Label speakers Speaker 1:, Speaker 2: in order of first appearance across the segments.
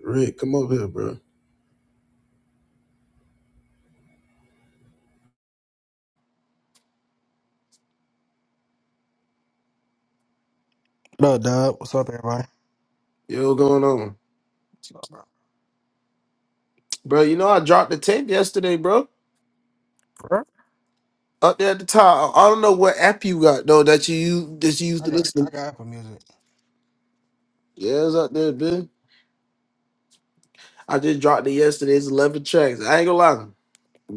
Speaker 1: Rick, come up here, bro.
Speaker 2: What up, Dub? What's up, everybody?
Speaker 1: Yo, going on?
Speaker 2: What's up, bro?
Speaker 1: Bro, you know I dropped the tape yesterday, bro.
Speaker 2: Bro?
Speaker 1: Up there at the top. I I don't know what app you got though that you use that you used
Speaker 2: I
Speaker 1: to
Speaker 2: got I
Speaker 1: listen to.
Speaker 2: got Apple Music.
Speaker 1: Yeah, it's up there, bitch. I just dropped it yesterday. It's eleven tracks. I ain't gonna lie.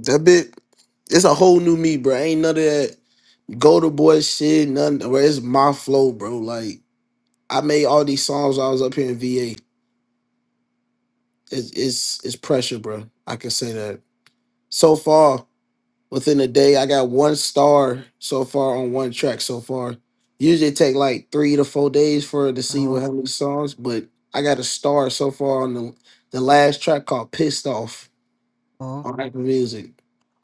Speaker 1: That bit, it's a whole new me, bro. Ain't none of that go to boy shit, none bro. It's my flow, bro. Like I made all these songs while I was up here in VA. It's it's it's pressure, bro. I can say that. So far. within a day. I got one star so far on one track so far. Usually it take like three to four days for it to
Speaker 2: Uh
Speaker 1: see
Speaker 2: huh.
Speaker 1: what how many songs, but I got a star so far on the the last track called "Pissed Off"
Speaker 2: Uh huh.
Speaker 1: on Apple Music.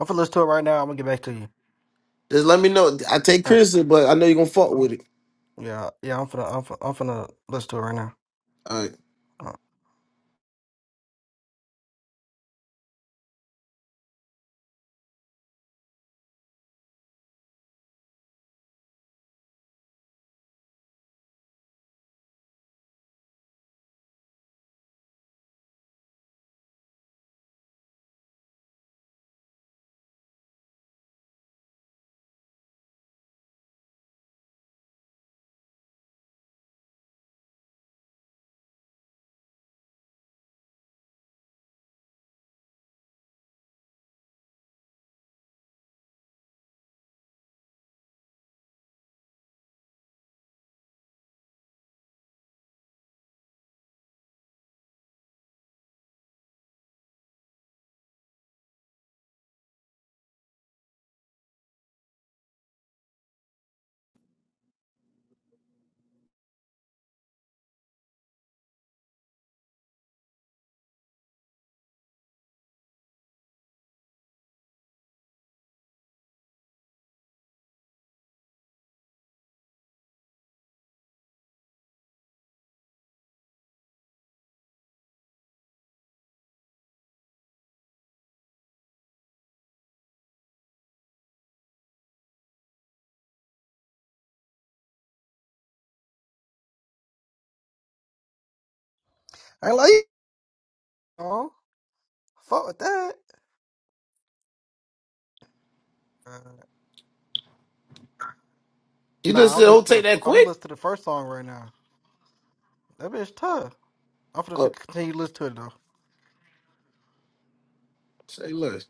Speaker 2: I'm finna listen to it right now. I'm gonna get back to you.
Speaker 1: Just let me know. I take
Speaker 2: All right.
Speaker 1: criticism, but I know you're gonna fuck with it.
Speaker 2: Yeah, yeah. I'm finna I'm finna, I'm finna listen to it right now.
Speaker 1: All right.
Speaker 2: Uh, I like. it. Oh, fuck with that. Uh,
Speaker 1: You
Speaker 2: nah, I'll
Speaker 1: listen to who
Speaker 2: listen to the
Speaker 1: take
Speaker 2: f-
Speaker 1: that
Speaker 2: I'm
Speaker 1: quick?
Speaker 2: listening to the first song right now. That bitch tough. I'm finna fi-
Speaker 1: Oh,
Speaker 2: continue to listen to it though.
Speaker 1: say less.